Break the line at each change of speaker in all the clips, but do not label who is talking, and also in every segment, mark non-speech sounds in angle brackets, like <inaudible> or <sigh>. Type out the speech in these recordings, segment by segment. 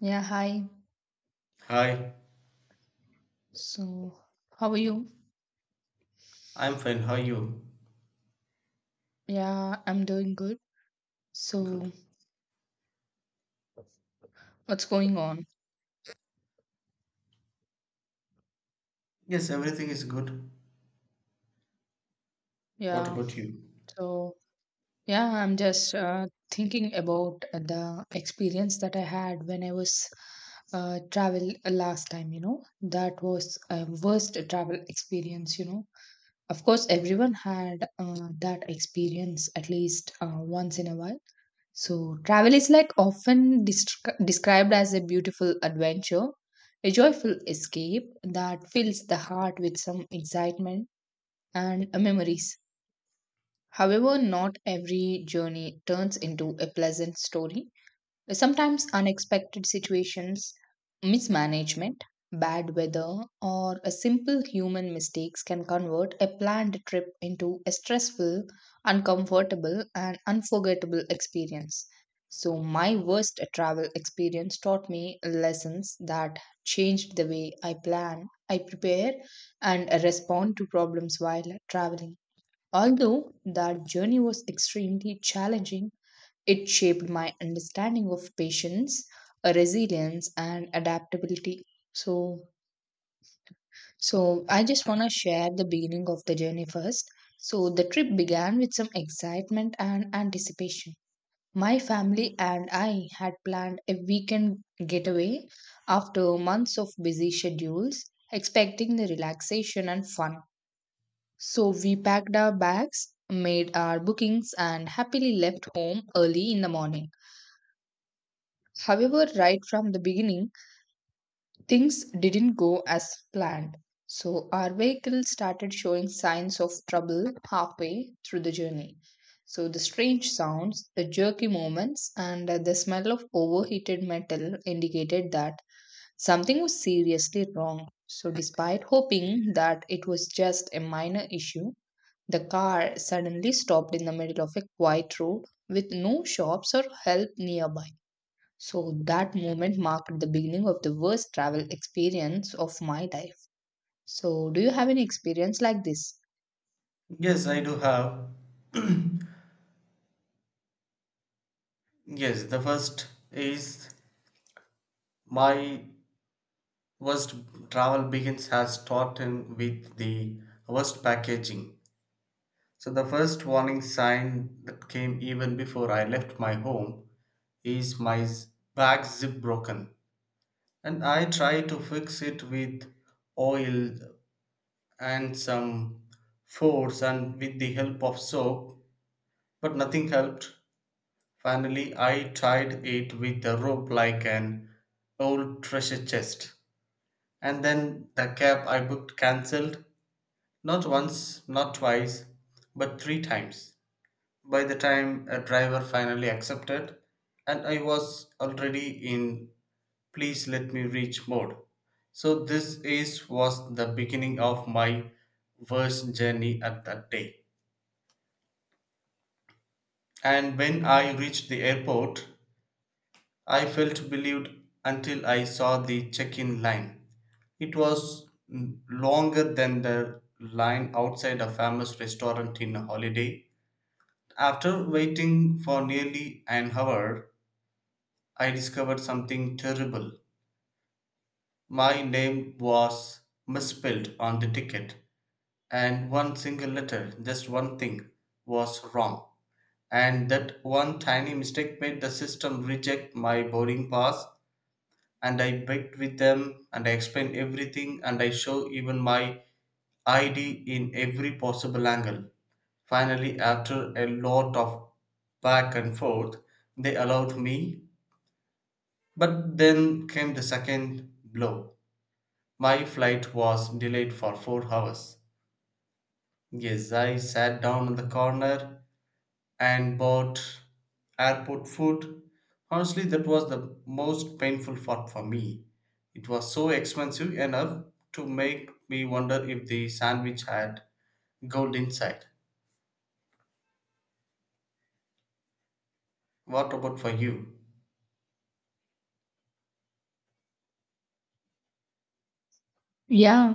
Yeah, hi.
Hi,
So, how are you?
I'm fine. How are you?
Yeah, I'm doing good.
Good.
So, what's going on?
Yes, everything is good. What
Yeah.
about you?
So, yeah, I'm just thinking about the experience that I had when I was travel last time. That was a worst travel experience. Of course, everyone had that experience at least once in a while. So, travel is like often described as a beautiful adventure, a joyful escape that fills the heart with some excitement and memories. However, not every journey turns into a pleasant story. Sometimes unexpected situations, mismanagement, bad weather, or a simple human mistakes can convert a planned trip into a stressful, uncomfortable, and unforgettable experience. So, my worst travel experience taught me lessons that changed the way I plan, I prepare, and respond to problems while traveling. Although that journey was extremely challenging, it shaped my understanding of patience, resilience, and adaptability. So, so, I just want to share the beginning of the journey first. So, the trip began with some excitement and anticipation. My family and I had planned a weekend getaway after months of busy schedules, expecting the relaxation and fun. So, we packed our bags, made our bookings, and happily left home early in the morning. However, right from the beginning, things didn't go as planned. So, our vehicle started showing signs of trouble halfway through the journey. So, the strange sounds, the jerky movements, and the smell of overheated metal indicated that something was seriously wrong. So, despite hoping that it was just a minor issue, the car suddenly stopped in the middle of a quiet road with no shops or help nearby. So that moment marked the beginning of the worst travel experience of my life. So do you have any experience like this?
Yes, I do have. <clears throat> Yes, the first is my worst travel begins has started with the worst packaging. So the first warning sign that came even before I left my home is my bag zip broken, and I try to fix it with oil and some force and with the help of soap, but nothing helped. Finally, I tied it with a rope like an old treasure chest. And then the cab I booked cancelled, not once, not twice, but 3 times. By the time a driver finally accepted, and I was already in please let me reach mode. So this is was the beginning of my worst journey at that day. And when I reached the airport, I felt relieved until I saw the check in line. It was longer than the line outside a famous restaurant in a Holiday. After waiting for nearly an hour, I discovered something terrible. My name was misspelled on the ticket, and one single letter, just one thing, was wrong. And that one tiny mistake made the system reject my boarding pass. And I begged with them and I explained everything and I show even my ID in every possible angle. Finally, after a lot of back and forth, they allowed me. But then came the second blow. My flight was delayed for 4 hours. Yes, I sat down in the corner and bought airport food. Honestly, that was the most painful part for me. It was so expensive enough to make me wonder if the sandwich had gold inside. What about for you?
Yeah,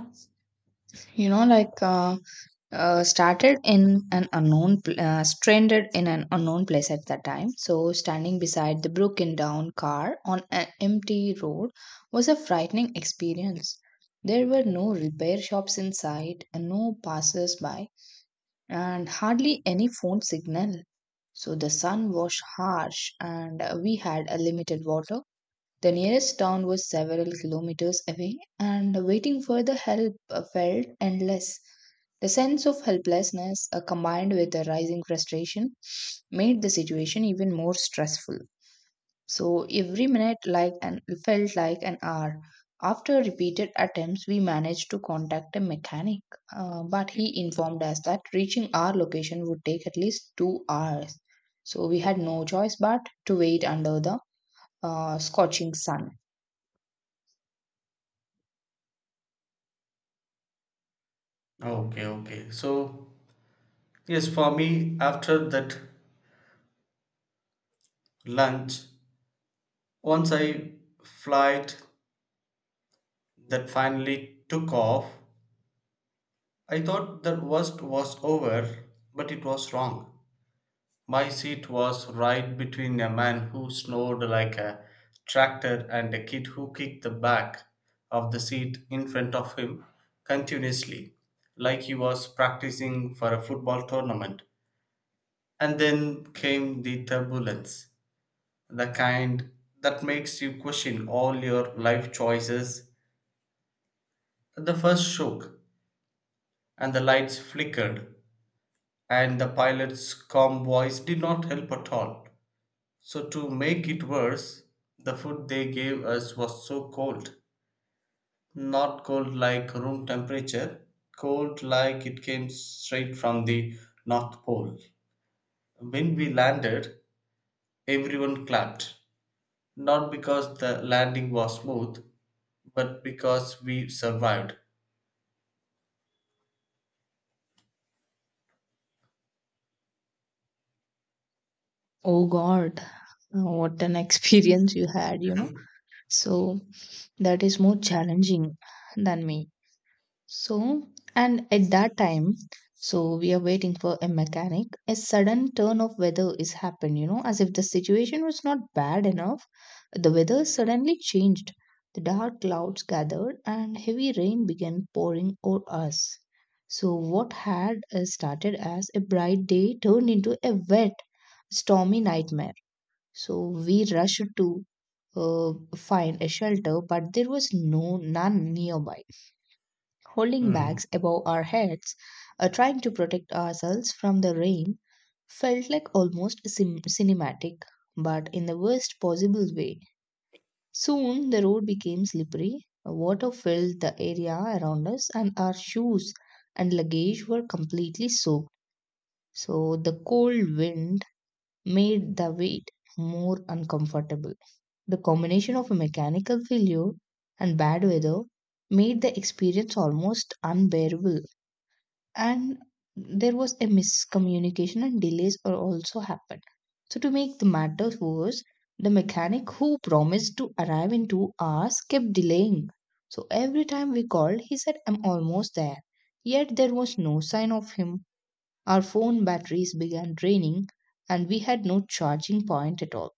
you know, like, started in an stranded in an unknown place at that time. So standing beside the broken down car on an empty road was a frightening experience. There were no repair shops in sight and no passers by, and hardly any phone signal. So the sun was harsh and we had a limited water. The nearest town was several kilometers away and waiting for the help felt endless. The sense of helplessness combined with the rising frustration made the situation even more stressful. So every minute like an felt like an hour. After repeated attempts, we managed to contact a mechanic, but he informed us that reaching our location would take at least 2 hours. So we had no choice but to wait under the scorching sun.
Okay, okay. So, yes, for me, after that lunch, once I flight that finally took off, I thought the worst was over, but it was wrong. My seat was right between a man who snored like a tractor and a kid who kicked the back of the seat in front of him continuously, like he was practicing for a football tournament. And then came the turbulence, the kind that makes you question all your life choices. The first shook, and the lights flickered, and the pilot's calm voice did not help at all. So, to make it worse, the food they gave us was so cold. Not cold like room temperature, cold like it came straight from the North Pole. When we landed, everyone clapped. Not because the landing was smooth, but because we survived.
Oh God, what an <laughs> experience you had. So that is more challenging than me. So, and at that time, so we are waiting for a mechanic. A sudden turn of weather is happened, as if the situation was not bad enough. The weather suddenly changed. The dark clouds gathered and heavy rain began pouring over us. So, what had started as a bright day turned into a wet, stormy nightmare. So, we rushed to find a shelter, but there was none nearby holding
Hmm.
bags above our heads, trying to protect ourselves from the rain, felt like almost cinematic, but in the worst possible way. Soon the road became slippery, water filled the area around us, and our shoes and luggage were completely soaked. So the cold wind made the wait more uncomfortable. The combination of a mechanical failure and bad weather made the experience almost unbearable, and there was a miscommunication and delays are also happened. So to make the matter worse, the mechanic who promised to arrive in 2 hours kept delaying. So every time we called, he said I'm almost there, yet there was no sign of him. Our phone batteries began draining, and we had no charging point at all.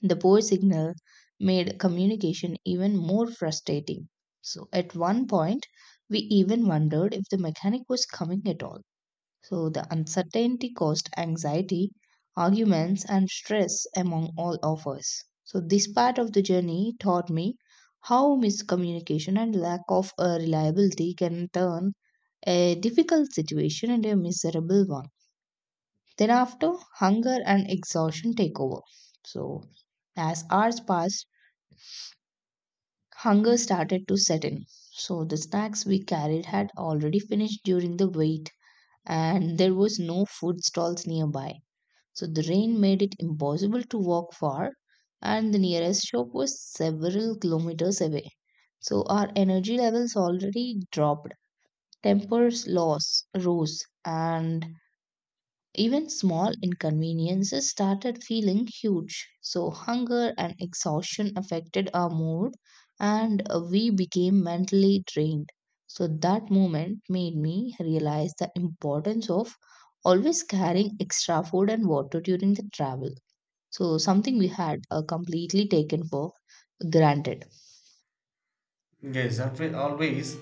The poor signal made communication even more frustrating. So at one point, we even wondered if the mechanic was coming at all. So the uncertainty caused anxiety, arguments, and stress among all of us. So this part of the journey taught me how miscommunication and lack of reliability can turn a difficult situation into a miserable one. Then after, hunger and exhaustion take over. So as hours passed, hunger started to set in. So the snacks we carried had already finished during the wait, and there was no food stalls nearby. So the rain made it impossible to walk far, and the nearest shop was several kilometers away. So our energy levels already dropped, tempers loss rose, and even small inconveniences started feeling huge. So hunger and exhaustion affected our mood, and we became mentally drained. So that moment made me realize the importance of always carrying extra food and water during the travel. So, something we had completely taken for granted.
Yes, always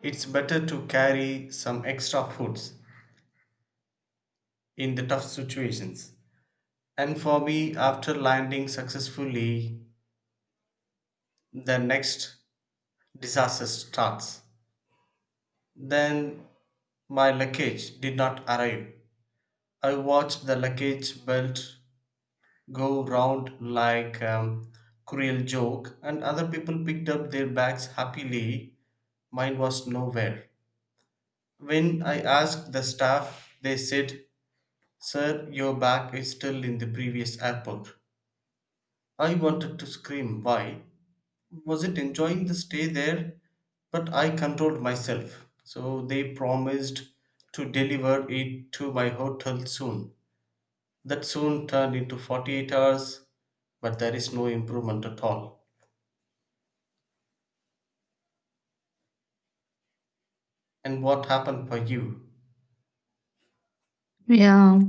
it's better to carry some extra foods in the tough situations. And for me, after landing successfully, the next disaster starts. Then my luggage did not arrive. I watched the luggage belt go round like a cruel joke, and other people picked up their bags happily. Mine was nowhere. When I asked the staff, they said, "Sir, your bag is still in the previous airport." I wanted to scream, "Why? Was it enjoying the stay there?" But I controlled myself. So they promised to deliver it to my hotel soon. That soon turned into 48 hours, but there is no improvement at all. And what happened for you?
Yeah.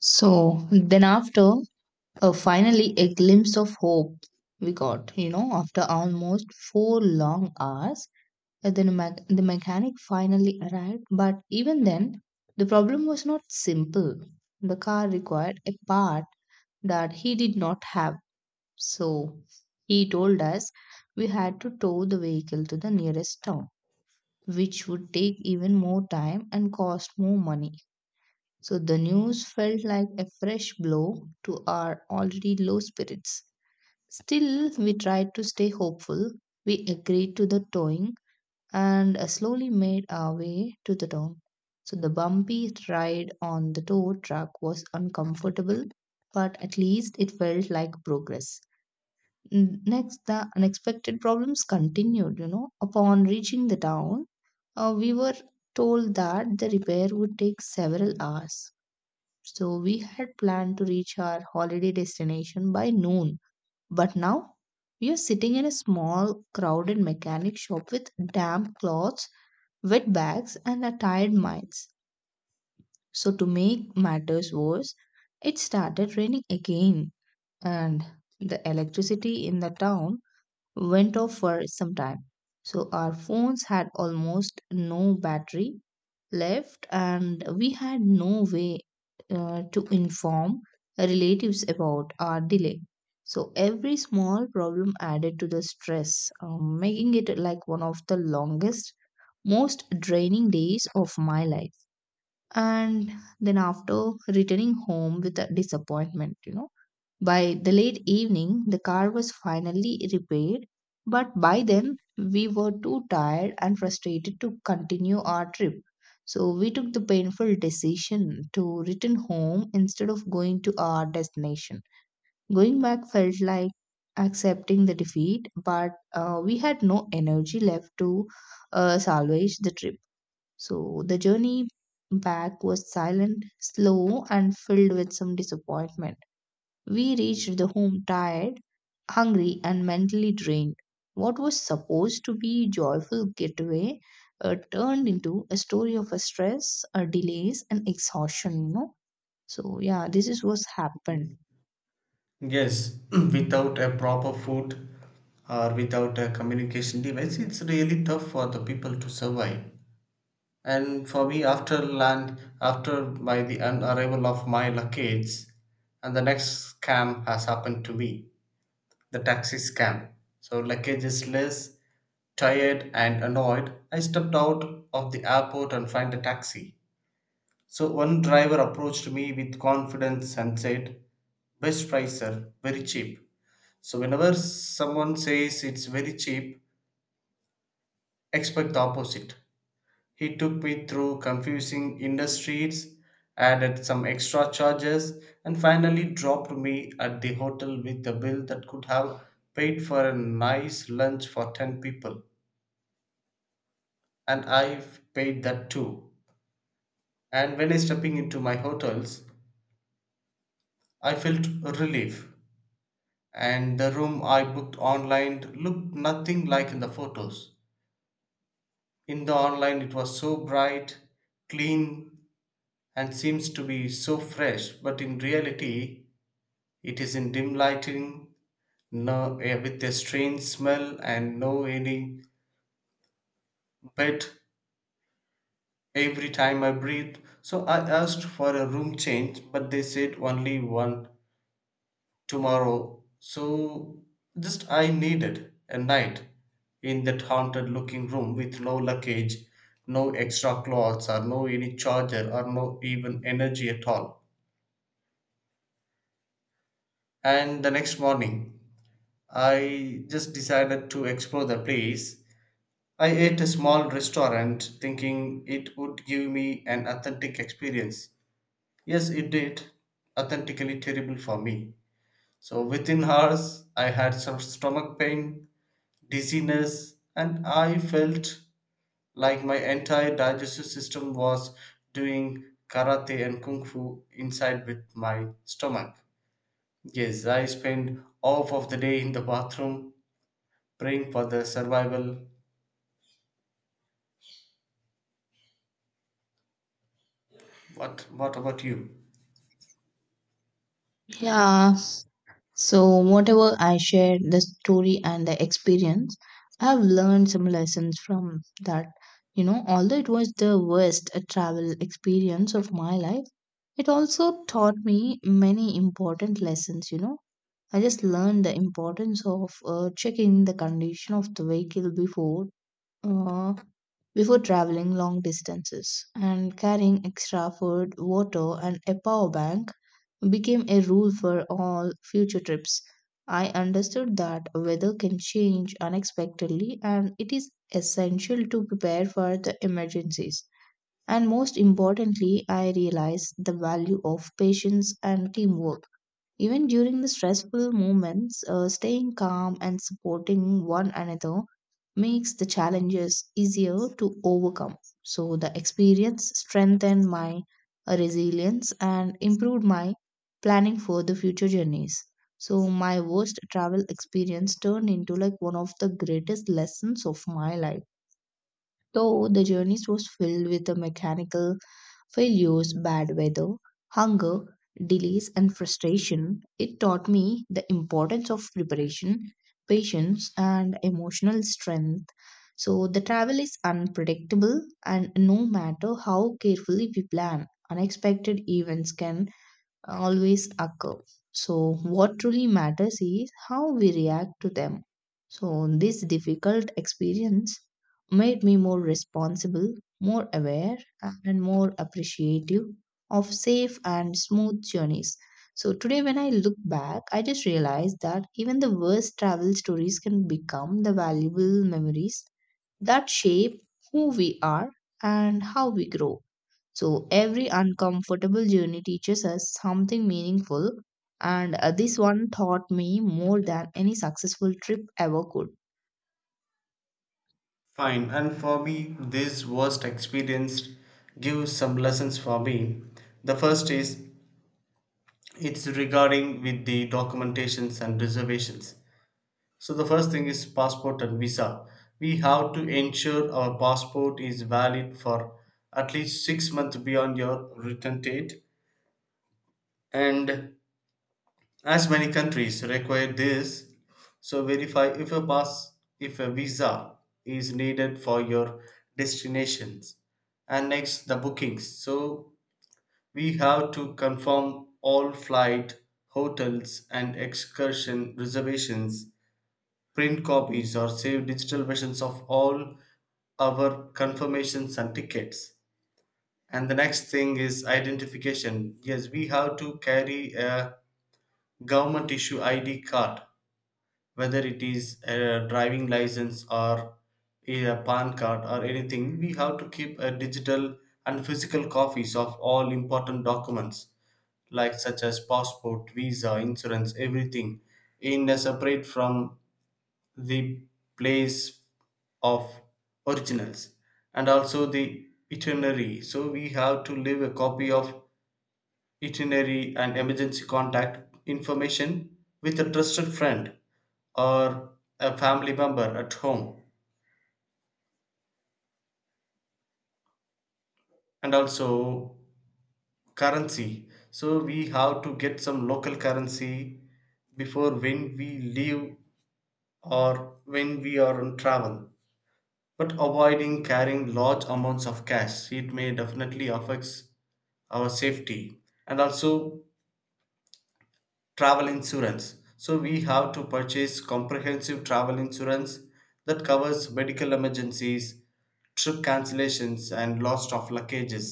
So, then after finally a glimpse of hope we got, you know, after almost 4 long hours, then the mechanic finally arrived. But even then, the problem was not simple. The car required a part that he did not have. So, he told us we had to tow the vehicle to the nearest town, which would take even more time and cost more money. So the news felt like a fresh blow to our already low spirits. Still, we tried to stay hopeful. We agreed to the towing and slowly made our way to the town. So the bumpy ride on the tow truck was uncomfortable, but at least it felt like progress. Next, the unexpected problems continued, you know. Upon reaching the town, we were told that the repair would take several hours. So we had planned to reach our holiday destination by noon. But now we are sitting in a small, crowded mechanic shop with damp clothes, wet bags, and a tired minds. So to make matters worse, it started raining again, and the electricity in the town went off for some time. So our phones had almost no battery left, and we had no way to inform relatives about our delay. So every small problem added to the stress, making it like one of the longest, most draining days of my life. And then after returning home with a disappointment, by the late evening, the car was finally repaired, but by then we were too tired and frustrated to continue our trip. So we took the painful decision to return home instead of going to our destination. Going back felt like accepting the defeat, but we had no energy left to salvage the trip. So the journey back was silent, slow, and filled with some disappointment. We reached the home tired, hungry, and mentally drained. What was supposed to be a joyful getaway turned into a story of a stress, delays, and exhaustion. So yeah, this is what's happened.
Yes. <clears throat> Without a proper food or without a communication device, it's really tough for the people to survive. And for me, after land, after arrival of my luggage, and the next scam has happened to me, the taxi scam. So luggage is less, tired and annoyed. I stepped out of the airport and find a taxi. So one driver approached me with confidence and said, "Best price, sir. Very cheap." So whenever someone says it's very cheap, expect the opposite. He took me through confusing industries, added some extra charges, and finally dropped me at the hotel with a bill that could have paid for a nice lunch for 10 people. And I've paid that too. And when I stepping into my hotels, I felt relief. And the room I booked online looked nothing like in the photos. In the online, it was so bright, clean, and seems to be so fresh, but in reality, it is in dim lighting, no, with a strange smell and no any bed every time I breathe. So I asked for a room change, but they said only one tomorrow. So just I needed a night in that haunted looking room with no luggage, no extra clothes, or no any charger, or no even energy at all. And the next morning, I just decided to explore the place. I ate a small restaurant thinking it would give me an authentic experience. Yes, it did. Authentically terrible for me. So within hours, I had some stomach pain, dizziness, and I felt like my entire digestive system was doing karate and kung fu inside with my stomach. Yes, I spent half of the day in the bathroom praying for the survival. What about you?
Yeah, so, whatever I shared, the story and the experience, I've learned some lessons from that. Although it was the worst travel experience of my life, it also taught me many important lessons. I just learned the importance of checking the condition of the vehicle before uh, before traveling long distances, and carrying extra food, water, and a power bank became a rule for all future trips. I understood that weather can change unexpectedly, and it is essential to prepare for the emergencies. And most importantly, I realized the value of patience and teamwork even during the stressful moments, staying calm and supporting one another makes the challenges easier to overcome. So the experience strengthened my resilience and improved my planning for the future journeys. So my worst travel experience turned into like one of the greatest lessons of my life. Though the journeys was filled with the mechanical failures, bad weather, hunger, delays, and frustration. It taught me the importance of preparation, patience, and emotional strength. So, the travel is unpredictable, and no matter how carefully we plan, unexpected events can always occur. So, what truly matters is how we react to them. So, this difficult experience made me more responsible, more aware, and more appreciative of safe and smooth journeys. So, today, when I look back, I just realized that even the worst travel stories can become the valuable memories that shape who we are and how we grow. So every uncomfortable journey teaches us something meaningful, and this one taught me more than any successful trip ever could.
Fine. And for me, this worst experience gives some lessons for me. The first is it's regarding with the documentations and reservations. So the first thing is passport and visa. We have to ensure our passport is valid for at least 6 months beyond your return date, and as many countries require this, so verify if a pass, if a visa is needed for your destinations. And next, the bookings. So we have to confirm all flight, hotels, and excursion reservations, print copies, or save digital versions of all our confirmations and tickets. And the next thing is identification. Yes, we have to carry a government issue ID card, whether it is a driving license or a pan card or anything. We have to keep a digital and physical copies of all important documents, like such as passport, visa, insurance, everything, in a separate from the place of originals, and also the itinerary. So we have to leave a copy of itinerary and emergency contact information with a trusted friend or a family member at home. And also currency, so we have to get some local currency before when we leave or when we are on travel, but avoiding carrying large amounts of cash, it may definitely affects our safety. And also travel insurance, so we have to purchase comprehensive travel insurance that covers medical emergencies, trip cancellations, and loss of luggages.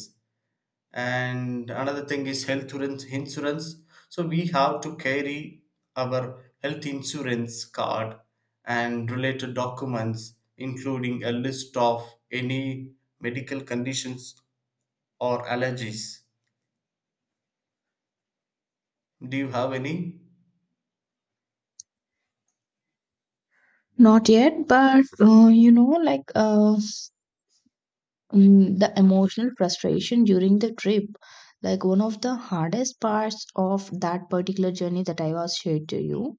And another thing is health insurance. So we have to carry our health insurance card and related documents, including a list of any medical conditions or allergies. Do you have any?
Not yet, but like the emotional frustration during the trip, like one of the hardest parts of that particular journey that I was shared to you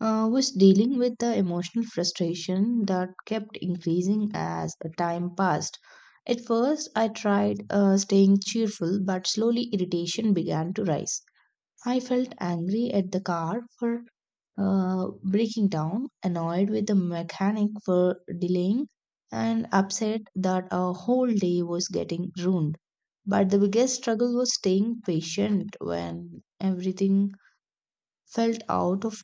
was dealing with the emotional frustration that kept increasing as time passed. At first, I tried staying cheerful, but slowly irritation began to rise. I felt angry at the car for breaking down, annoyed with the mechanic for delaying, and upset that our whole day was getting ruined. But the biggest struggle was staying patient when everything felt out of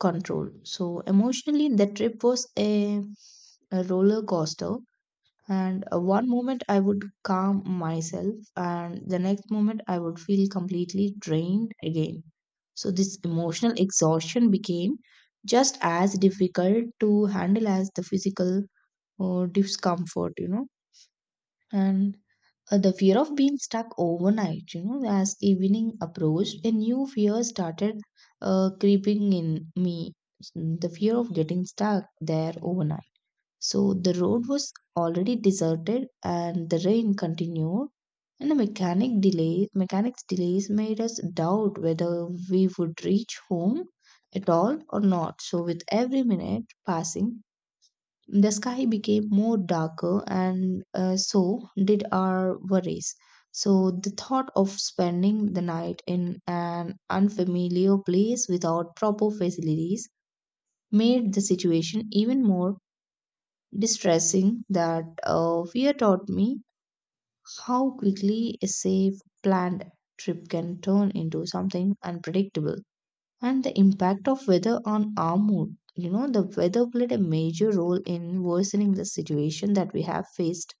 control. So emotionally, the trip was a roller coaster. And one moment I would calm myself, and the next moment I would feel completely drained again. So this emotional exhaustion became just as difficult to handle as the physical discomfort. And the fear of being stuck overnight. As evening approached, a new fear started creeping in me, the fear of getting stuck there overnight. So the road was already deserted and the rain continued, and the mechanics delays made us doubt whether we would reach home at all or not. So with every minute passing, the sky became more darker, and so did our worries. So the thought of spending the night in an unfamiliar place without proper facilities made the situation even more distressing. That fear taught me how quickly a safe, planned trip can turn into something unpredictable, and the impact of weather on our mood. The weather played a major role in worsening the situation that we have faced.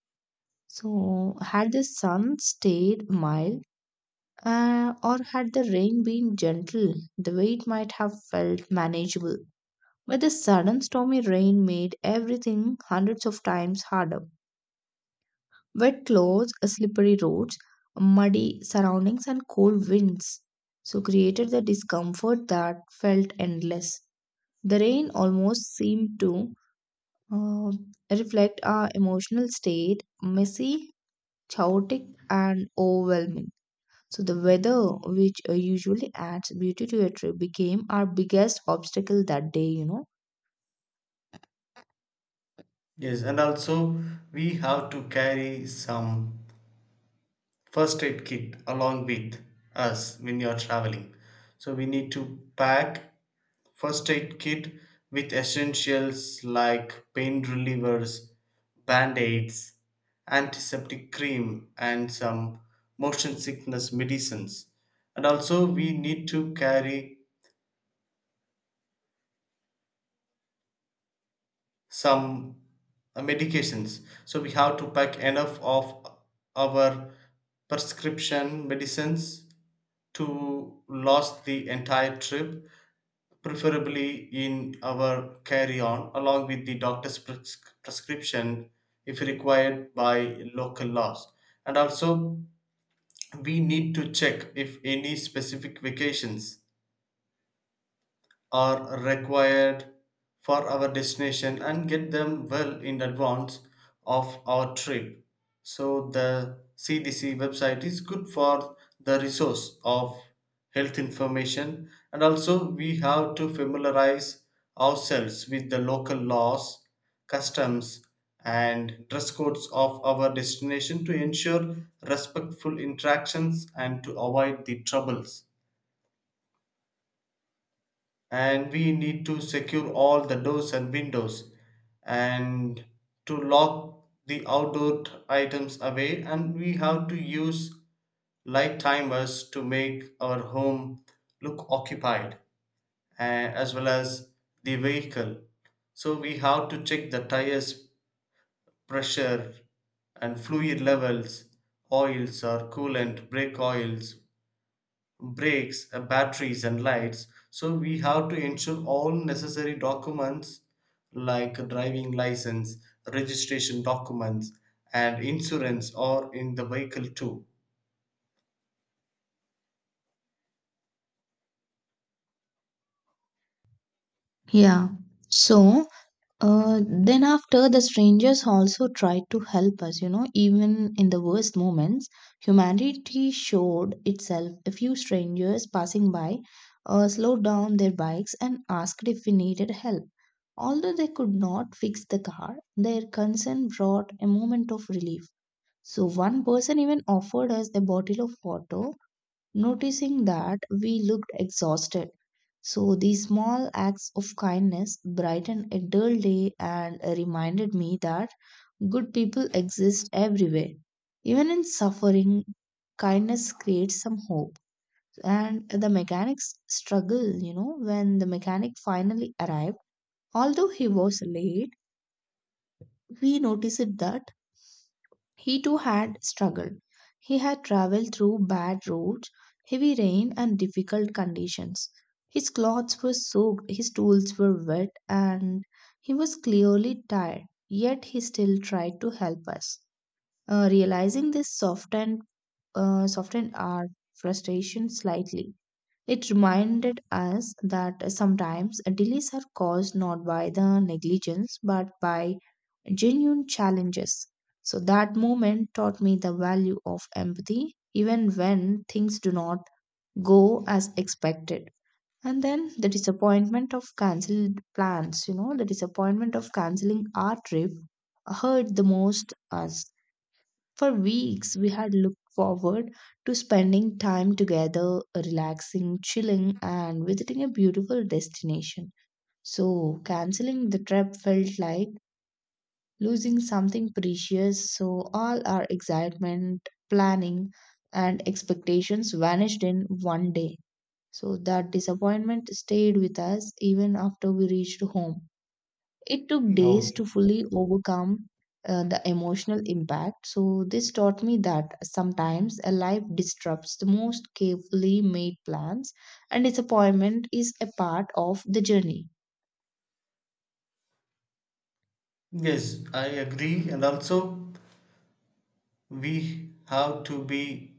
So had the sun stayed mild, or had the rain been gentle, the weight might have felt manageable. But the sudden stormy rain made everything hundreds of times harder. Wet clothes, slippery roads, muddy surroundings, and cold winds so created the discomfort that felt endless. The rain almost seemed to uh, reflect our emotional state: messy, chaotic, and overwhelming. So the weather, which usually adds beauty to a trip, became our biggest obstacle that day.
Yes, and also we have to carry some first aid kit along with us when you're traveling. So we need to pack first aid kit with essentials like pain relievers, band-aids, antiseptic cream, and some motion sickness medicines. And also we need to carry some medications, so we have to pack enough of our prescription medicines to last the entire trip, preferably in our carry-on along with the doctor's prescription if required by local laws. And also we need to check if any specific vacations are required for our destination and get them well in advance of our trip. So the CDC website is good for the resource of health information. And also we have to familiarize ourselves with the local laws, customs and dress codes of our destination to ensure respectful interactions and to avoid the troubles. And we need to secure all the doors and windows, and to lock the items away, and we have to use light timers to make our home look occupied, uh, as well as the vehicle. So we have to check the tires pressure and fluid levels, oils or coolant, brake oils, brakes, batteries, and lights. So we have to ensure all necessary documents like driving license, registration documents, and insurance are in the vehicle too.
Yeah. So, then after, the strangers also tried to help us. Even in the worst moments, humanity showed itself. A few strangers passing by slowed down their bikes and asked if we needed help. Although they could not fix the car, their concern brought a moment of relief. So one person even offered us a bottle of water, noticing that we looked exhausted. So these small acts of kindness brightened a dull day and reminded me that good people exist everywhere. Even in suffering, kindness creates some hope. And the mechanic's struggle. When the mechanic finally arrived, although he was late, we noticed that he too had struggled. He had traveled through bad roads, heavy rain, and difficult conditions. His clothes were soaked, his tools were wet, and he was clearly tired, yet he still tried to help us. Realizing this softened our frustration slightly. It reminded us that sometimes delays are caused not by the negligence but by genuine challenges. So that moment taught me the value of empathy even when things do not go as expected. And then the disappointment of cancelled plans. The disappointment of canceling our trip hurt the most us. For weeks, we had looked forward to spending time together, relaxing, chilling, and visiting a beautiful destination. So canceling the trip felt like losing something precious. So all our excitement, planning, and expectations vanished in one day. So that disappointment stayed with us even after we reached home. It took days
Okay.
to fully overcome the emotional impact. So this taught me that sometimes a life disrupts the most carefully made plans, and disappointment is a part of the journey.
Yes, I agree. And also, we have to be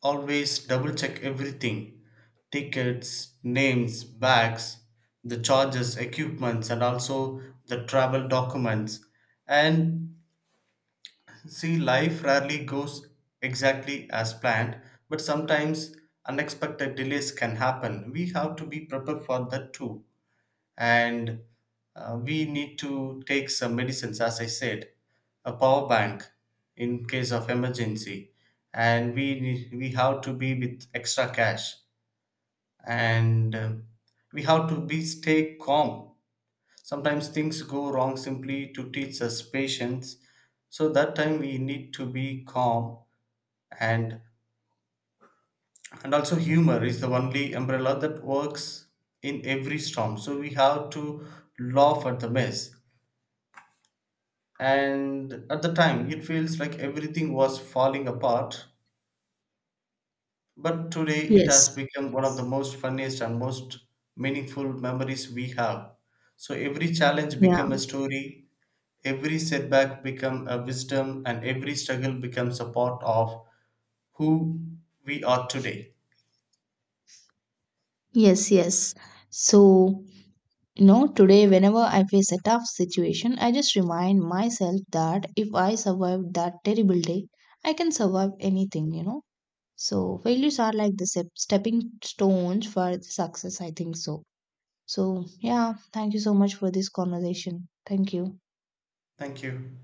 always double check everything, tickets, names, bags, the charges, equipments, and also the travel documents. And see, life rarely goes exactly as planned, but sometimes unexpected delays can happen. We have to be prepared for that too. And we need to take some medicines, as I said, a power bank in case of emergency. And we have to be with extra cash. And we have to be stay calm. Sometimes things go wrong simply to teach us patience. So that time we need to be calm. and and also humor is the only umbrella that works in every storm. So we have to laugh at the mess. And at the time it feels like everything was falling apart. But today it has
Yes.
become one of the most funniest and most meaningful memories we have. So every challenge
Yeah.
became a story. Every setback becomes a wisdom and every struggle becomes a part of who we are today.
Yes, yes. So, today, whenever I face a tough situation, I just remind myself that if I survived that terrible day, I can survive anything. So failures are like the stepping stones for the success, I think so. So yeah, thank you so much for this conversation. Thank you.
Thank you.